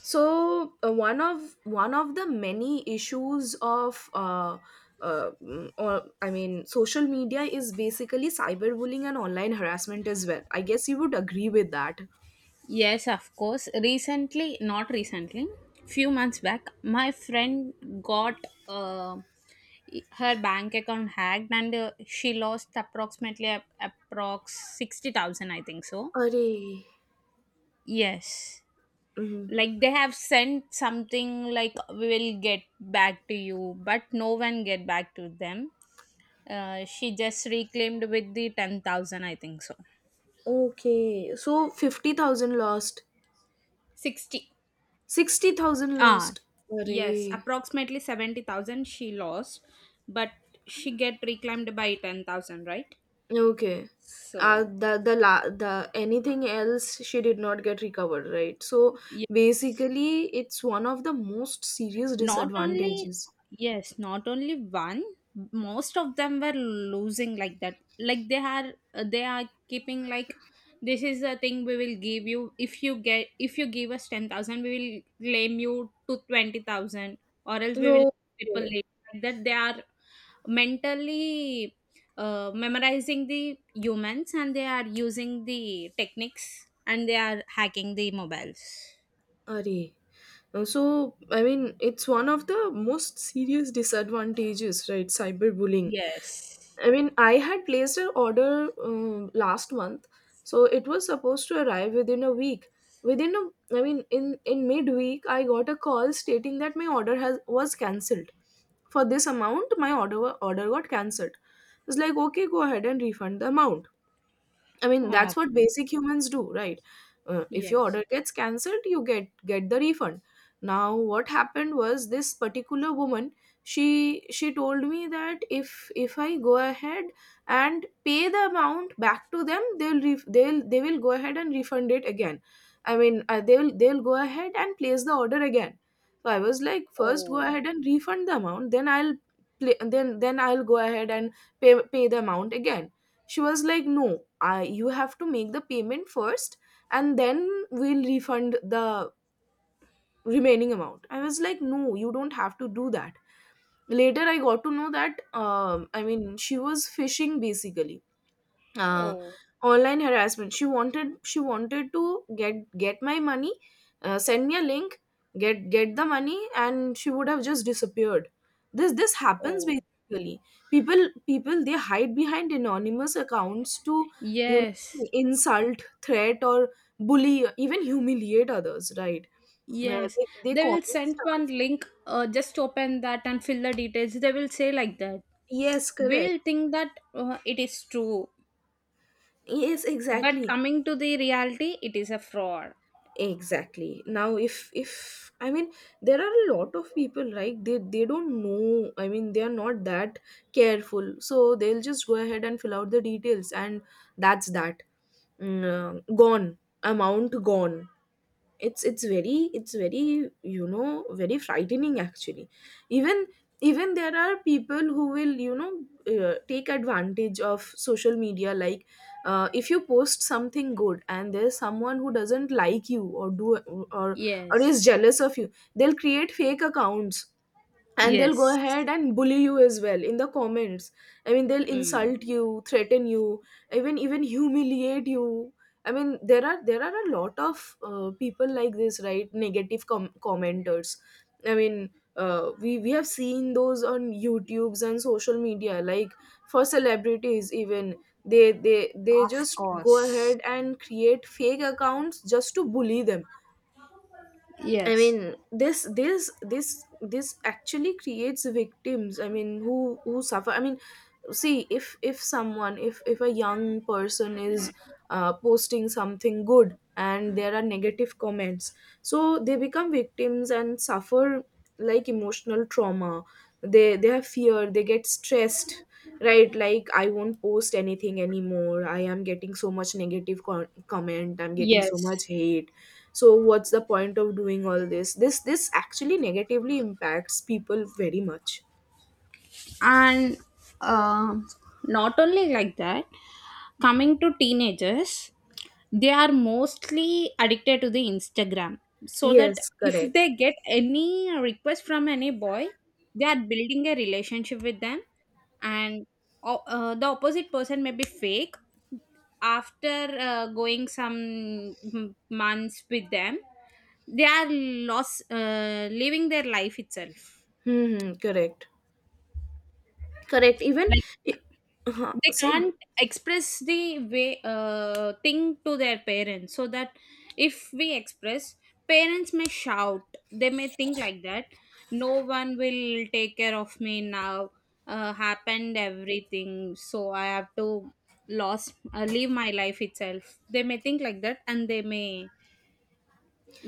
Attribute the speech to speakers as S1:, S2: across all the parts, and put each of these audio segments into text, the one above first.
S1: So one of the many issues of mm, or I mean social media is basically cyberbullying and online harassment as well. I guess you would agree with that.
S2: Yes, of course. Recently, not recently, few months back, my friend got uh, her bank account hacked and she lost approximately approx 60,000, I think so.
S1: Array.
S2: Yes.
S1: Mm.
S2: Like they have sent something like we will get back to you, but no one get back to them. She just reclaimed with the 10,000, I think so.
S1: Okay. So 50,000 lost.
S2: 60.
S1: 60,000
S2: Ah,
S1: lost.
S2: yes,
S1: Array.
S2: approximately 70,000 she lost, but she get reclaimed by 10,000, right?
S1: Okay.
S2: So,
S1: The anything else she did not get recovered, right? So
S2: yeah,
S1: basically it's one of the most serious
S2: not only
S1: disadvantages.
S2: yes, not only one, most of them were losing like that. Like they are keeping like this is the thing we will give you if you get if you give us 10,000, we will claim you to 20,000, or else we will
S1: No
S2: people
S1: way.
S2: like that. They are mentally memorizing the humans, and they are using the techniques, and they are hacking the mobiles.
S1: Arey. So, I mean, it's one of the most serious disadvantages, right? Cyberbullying.
S2: Yes.
S1: I mean, I had placed an order last month, so it was supposed to arrive within a week. I mean, in midweek, I got a call stating that my order has was cancelled. For this amount, my order got cancelled. It's like, okay, go ahead and refund the amount. I mean, that's what
S2: Okay.
S1: basic humans do, right? If your
S2: Yes.
S1: order gets cancelled, you get the refund. Now, what happened was this particular woman. She told me that if I go ahead and pay the amount back to them, they'll they will go ahead and refund it again. I mean, they'll go ahead and place the order again. So I was like, first go
S2: Oh.
S1: ahead and refund the amount, then I'll play, then I'll go ahead and pay the amount again. She was like, no, I, you have to make the payment first and then we'll refund the remaining amount. I was like, no, you don't have to do that. Later I got to know that I mean, she was fishing, basically. uh,
S2: Oh.
S1: Online harassment. She wanted to get my money. Send me a link, get the money, and she would have just disappeared. This happens,
S2: Oh.
S1: basically. People, they hide behind anonymous accounts to, you
S2: Yes.
S1: know, insult, threat, or bully, even humiliate others, right? uh,
S2: Yes,
S1: they, they
S2: they will
S1: comment
S2: send
S1: stuff.
S2: one link, just open that and fill the details, they will say like that.
S1: Yes, correct.
S2: We'll think that it is true,
S1: Yes,
S2: but
S1: exactly.
S2: coming to the reality it is a fraud.
S1: Exactly. Now, if I mean, there are a lot of people, right? They don't know. I mean, they are not that careful, so they'll just go ahead and fill out the details and that's that. Gone, amount gone. It's very it's very, you know, very frightening, actually. Even, even there are people who will, you know, take advantage of social media. Like, if you post something good and there's someone who doesn't like you or do or or is
S2: Yes.
S1: jealous of you, they'll create fake accounts and they'll go
S2: Yes.
S1: ahead and bully you as well in the comments. I mean, they'll
S2: Mm.
S1: insult you, threaten you, even, even humiliate you. I mean, there are a lot of people like this, right? Negative commenters. I mean, we have seen those on youtubes and social media, like for celebrities even. They
S2: Of
S1: just go
S2: course.
S1: ahead and create fake accounts just to bully them. I
S2: Yes.
S1: mean, this actually creates victims. I mean, who suffer. I mean, see, if someone, if a young person is posting something good and there are negative comments, so they become victims and suffer like emotional trauma. They have fear. They get stressed. Right, like, I won't post anything anymore. I am getting so much negative comment. I'm getting so
S2: Yes.
S1: much hate. So what's the point of doing all this? This actually negatively impacts people very much.
S2: And um not only like that, coming to teenagers, they are mostly addicted to the Instagram, so that
S1: Yes,
S2: if
S1: correct.
S2: they get any request from any boy, they are building a relationship with them. And the opposite person may be fake. After going some months with them, they are lost living their life itself.
S1: Hmm, correct. Correct. Even, I- uh-huh,
S2: They
S1: say
S2: can't express the way thing to their parents, so that if we express, parents may shout. They may think like that, no one will take care of me now, happened everything, so I have to lost leave my life itself. They may think like that, and they may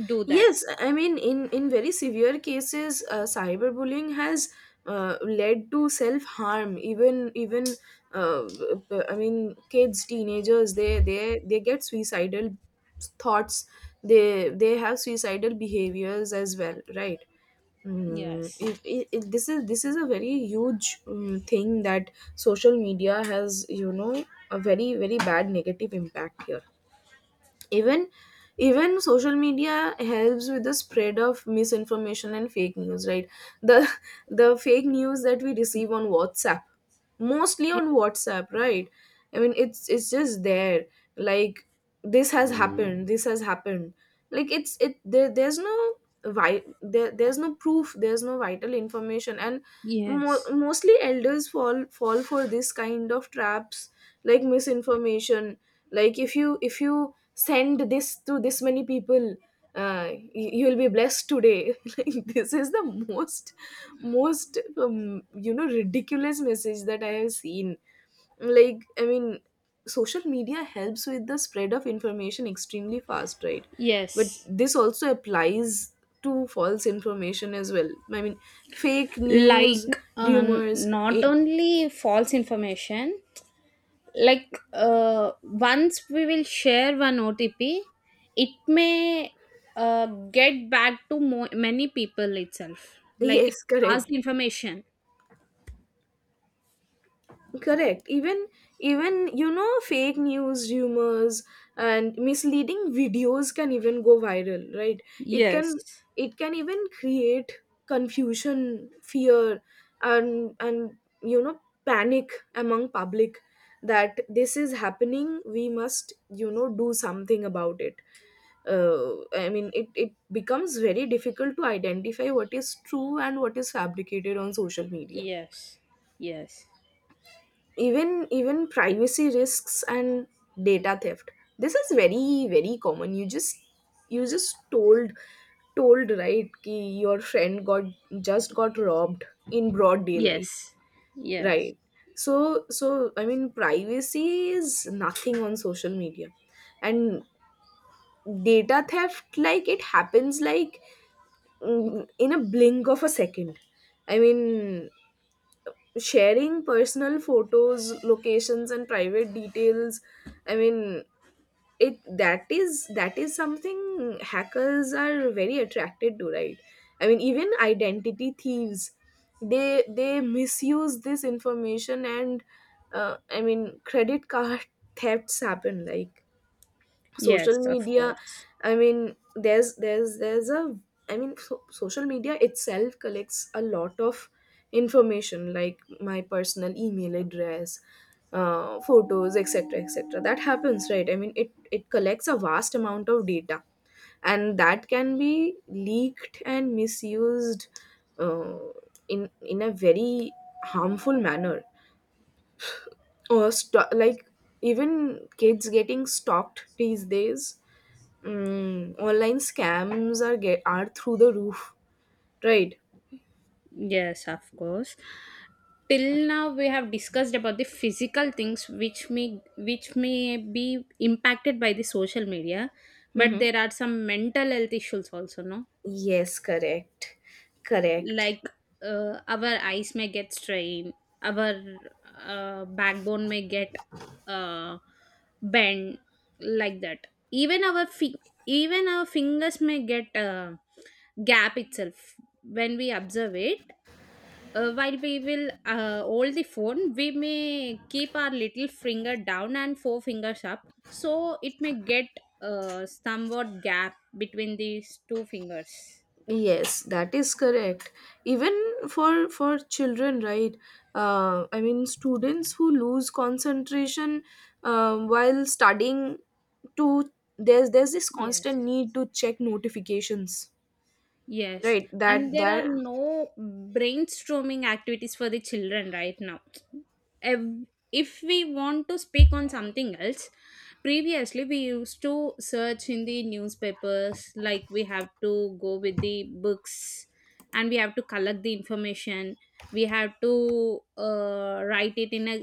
S2: do that.
S1: yes, I mean, in very severe cases, cyberbullying has led to self harm. Even, even uh, I mean, kids, teenagers, they get suicidal thoughts. They have suicidal behaviors as well, right?
S2: Yes.
S1: This is, this is a very huge thing that social media has, you know, a very very bad negative impact here. Even, even social media helps with the spread of misinformation and fake news, right? The the fake news that we receive on WhatsApp, mostly
S2: Y-
S1: on WhatsApp, right? I mean, it's just there. Like, this has happened. This has happened. Like, there's no there's no proof, there's no vital information. And mo-
S2: Yes.
S1: mostly elders fall for this kind of traps, like misinformation. Like, if you send this to this many people, uh, you'll be blessed today. This is the most, most, you know, ridiculous message that I have seen. Like, I mean, social media helps with the spread of information extremely fast, right? But
S2: Yes,
S1: this also applies to false information as well. I mean, fake
S2: like
S1: news, rumors.
S2: not only false information. Like once we will share one OTP, it may uh, get back to many people itself, like
S1: Yes,
S2: pass
S1: correct.
S2: the information.
S1: Correct. Even, even, you know, fake news, rumors, and misleading videos can even go viral, right? It can,
S2: Yes.
S1: it can even create confusion, fear, and, you know, panic among public. That this is happening, we must, you know, do something about it. I mean, it becomes very difficult to identify what is true and what is fabricated on social media.
S2: Yes. Yes.
S1: Even, even privacy risks and data theft. This is very very common. You just, you just told, told, right, ki your friend got just got robbed in broad daylight,
S2: Yes. Yes.
S1: right? So, so I mean, privacy is nothing on social media. And data theft, like it happens like, in a blink of a second. I mean, sharing personal photos, locations, and private details. I mean, it that is, that is something hackers are very attracted to, right? I mean, even identity thieves, they misuse this information. And I mean, credit card thefts happen. Like, social
S2: Yes, of
S1: media,
S2: course.
S1: I mean, there's a, I mean, so, social media itself collects a lot of information, like my personal email address, photos, etc., etc. That happens, right? I mean, it collects a vast amount of data, and that can be leaked and misused uh, in a very harmful manner. Like, even kids getting stalked these days. Online scams are, get are through the roof, right?
S2: Yes, of course, till now we have discussed about the physical things which may, which may be impacted by the social media, but
S1: Mm-hmm.
S2: there are some mental health issues also, no?
S1: Yes, correct. Correct.
S2: Like our eyes may get strained, our backbone may get uh, bent like that. Even our even our fingers may get gap itself when we observe it. While we will hold the phone, we may keep our little finger down and 4 fingers up, so it may get somewhat gap between these two fingers.
S1: Yes, that is correct. Even for children, right? I mean, students who lose concentration while studying, to, there's this
S2: Yes.
S1: constant need to check notifications,
S2: Yes,
S1: right?
S2: and
S1: That,
S2: there are
S1: that
S2: no brainstorming activities for the children right now. Ev- If we want to speak on something else, previously we used to search in the newspapers, like we have to go with the books and we have to collect the information. We have to write it in a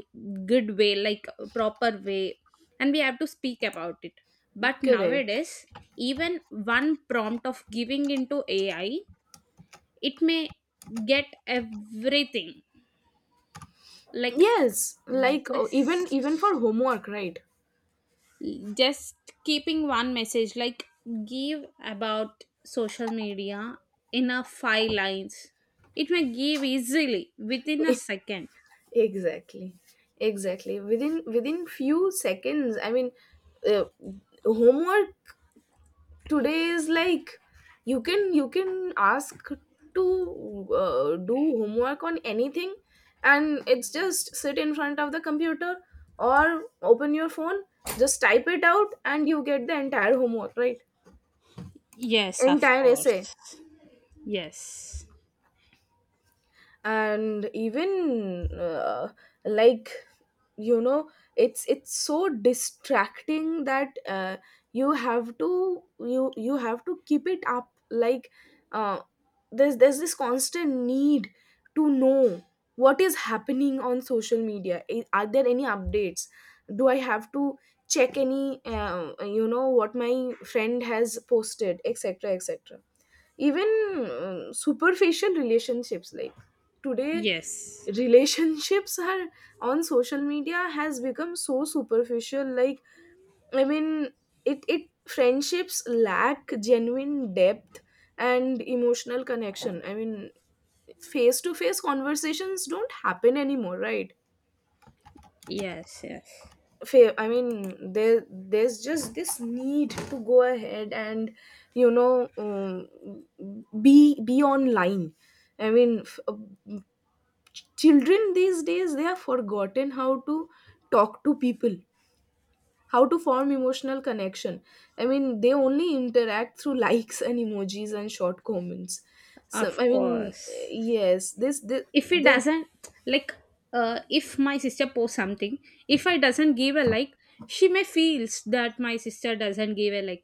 S2: good way, like a proper way, and we have to speak about it. But
S1: correct.
S2: nowadays, even one prompt of giving into AI, it may get everything. Like
S1: Yes, like, oh, even, even for
S2: just
S1: homework, right?
S2: just keeping one message like give about social media in a 5 lines, it may give easily within a second.
S1: Exactly, exactly, within, within few seconds. I mean, uh, homework today is like, you can, you can ask to do homework on anything, and it's just sit in front of the computer or open your phone, just type it out, and you get the entire homework, right?
S2: Yes, of
S1: Entire essay.
S2: course. Yes.
S1: And even, like, you know, it's so distracting that you have to, you have to keep it up. Like, uh, there's this constant need to know what is happening on social media. Are there any updates? Do I have to check any, you know, what my friend has posted, etc., etc. Even, superficial relationships. Like, today,
S2: Yes.
S1: relationships are on social media, has become so superficial. Like, I mean, it, friendships lack genuine depth and emotional connection. I mean, face to face conversations don't happen anymore, right?
S2: Yes. Yes,
S1: I mean, there, there's just this need to go ahead and, you know, be online. I mean, children these days, they have forgotten how to talk to people, how to form emotional connection. I mean, they only interact through likes and emojis and short comments. So I
S2: of
S1: mean,
S2: course.
S1: yes, this this,
S2: If it
S1: this
S2: doesn't, like if my sister posts something, if I doesn't give a like, she may feels that my sister doesn't give a like.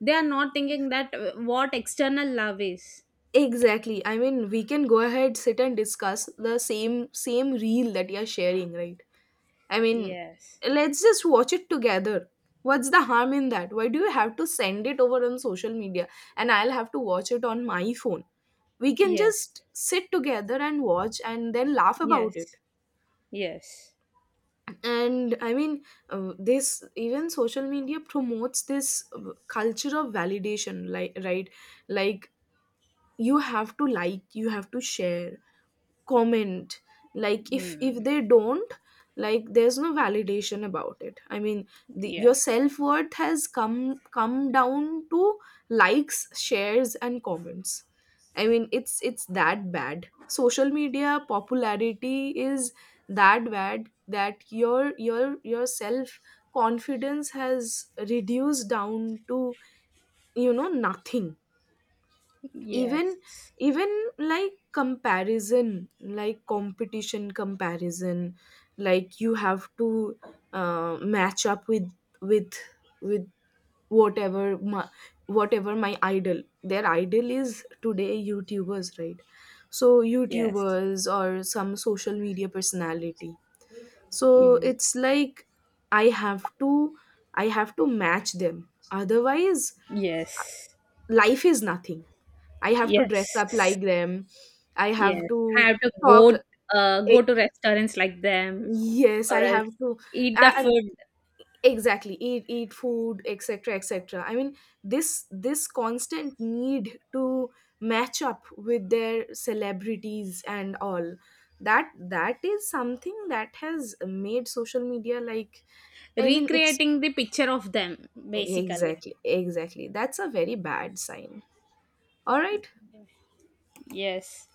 S2: They are not thinking that what external love is.
S1: exactly. I mean, we can go ahead, sit and discuss the same reel that you're sharing, right? I mean,
S2: Yes.
S1: let's just watch it together. What's the harm in that? Why do you have to send it over on social media and I'll have to watch it on my phone? We can
S2: Yes.
S1: just sit together and watch and then laugh about it.
S2: Yes. Yes.
S1: And I mean, this, even social media promotes this culture of validation, like, right? Like, you have to like, you have to share, comment. Like, if
S2: Mm.
S1: they don't, like, there's no validation about it. I mean, the, your
S2: Yeah.
S1: self-worth has come down to likes, shares, and comments. I mean, it's that bad. Social media popularity is that bad that your self confidence has reduced down to, you know, nothing. Even,
S2: Yes.
S1: even like comparison, like competition, comparison. Like, you have to match up with with whatever my, whatever my idol, their idol is, today, youtubers, right? So
S2: Yes.
S1: youtubers or some social media personality. So
S2: Mm.
S1: it's like, I have to, I have to match them, otherwise
S2: Yes.
S1: life is nothing. I have to dress up
S2: Yes.
S1: like them. I have
S2: Yes, I
S1: to
S2: have to go,
S1: talk. eh,
S2: go to restaurants like them,
S1: Yes, I
S2: or
S1: have
S2: else
S1: to.
S2: eat the
S1: And
S2: food.
S1: exactly, eat food, etc., etc. I mean, this constant need to match up with their celebrities and all. That, that is something that has made social media like, I mean, it's
S2: Recreating the picture of them basically.
S1: exactly, exactly that's a very bad sign. All right.
S2: Yes.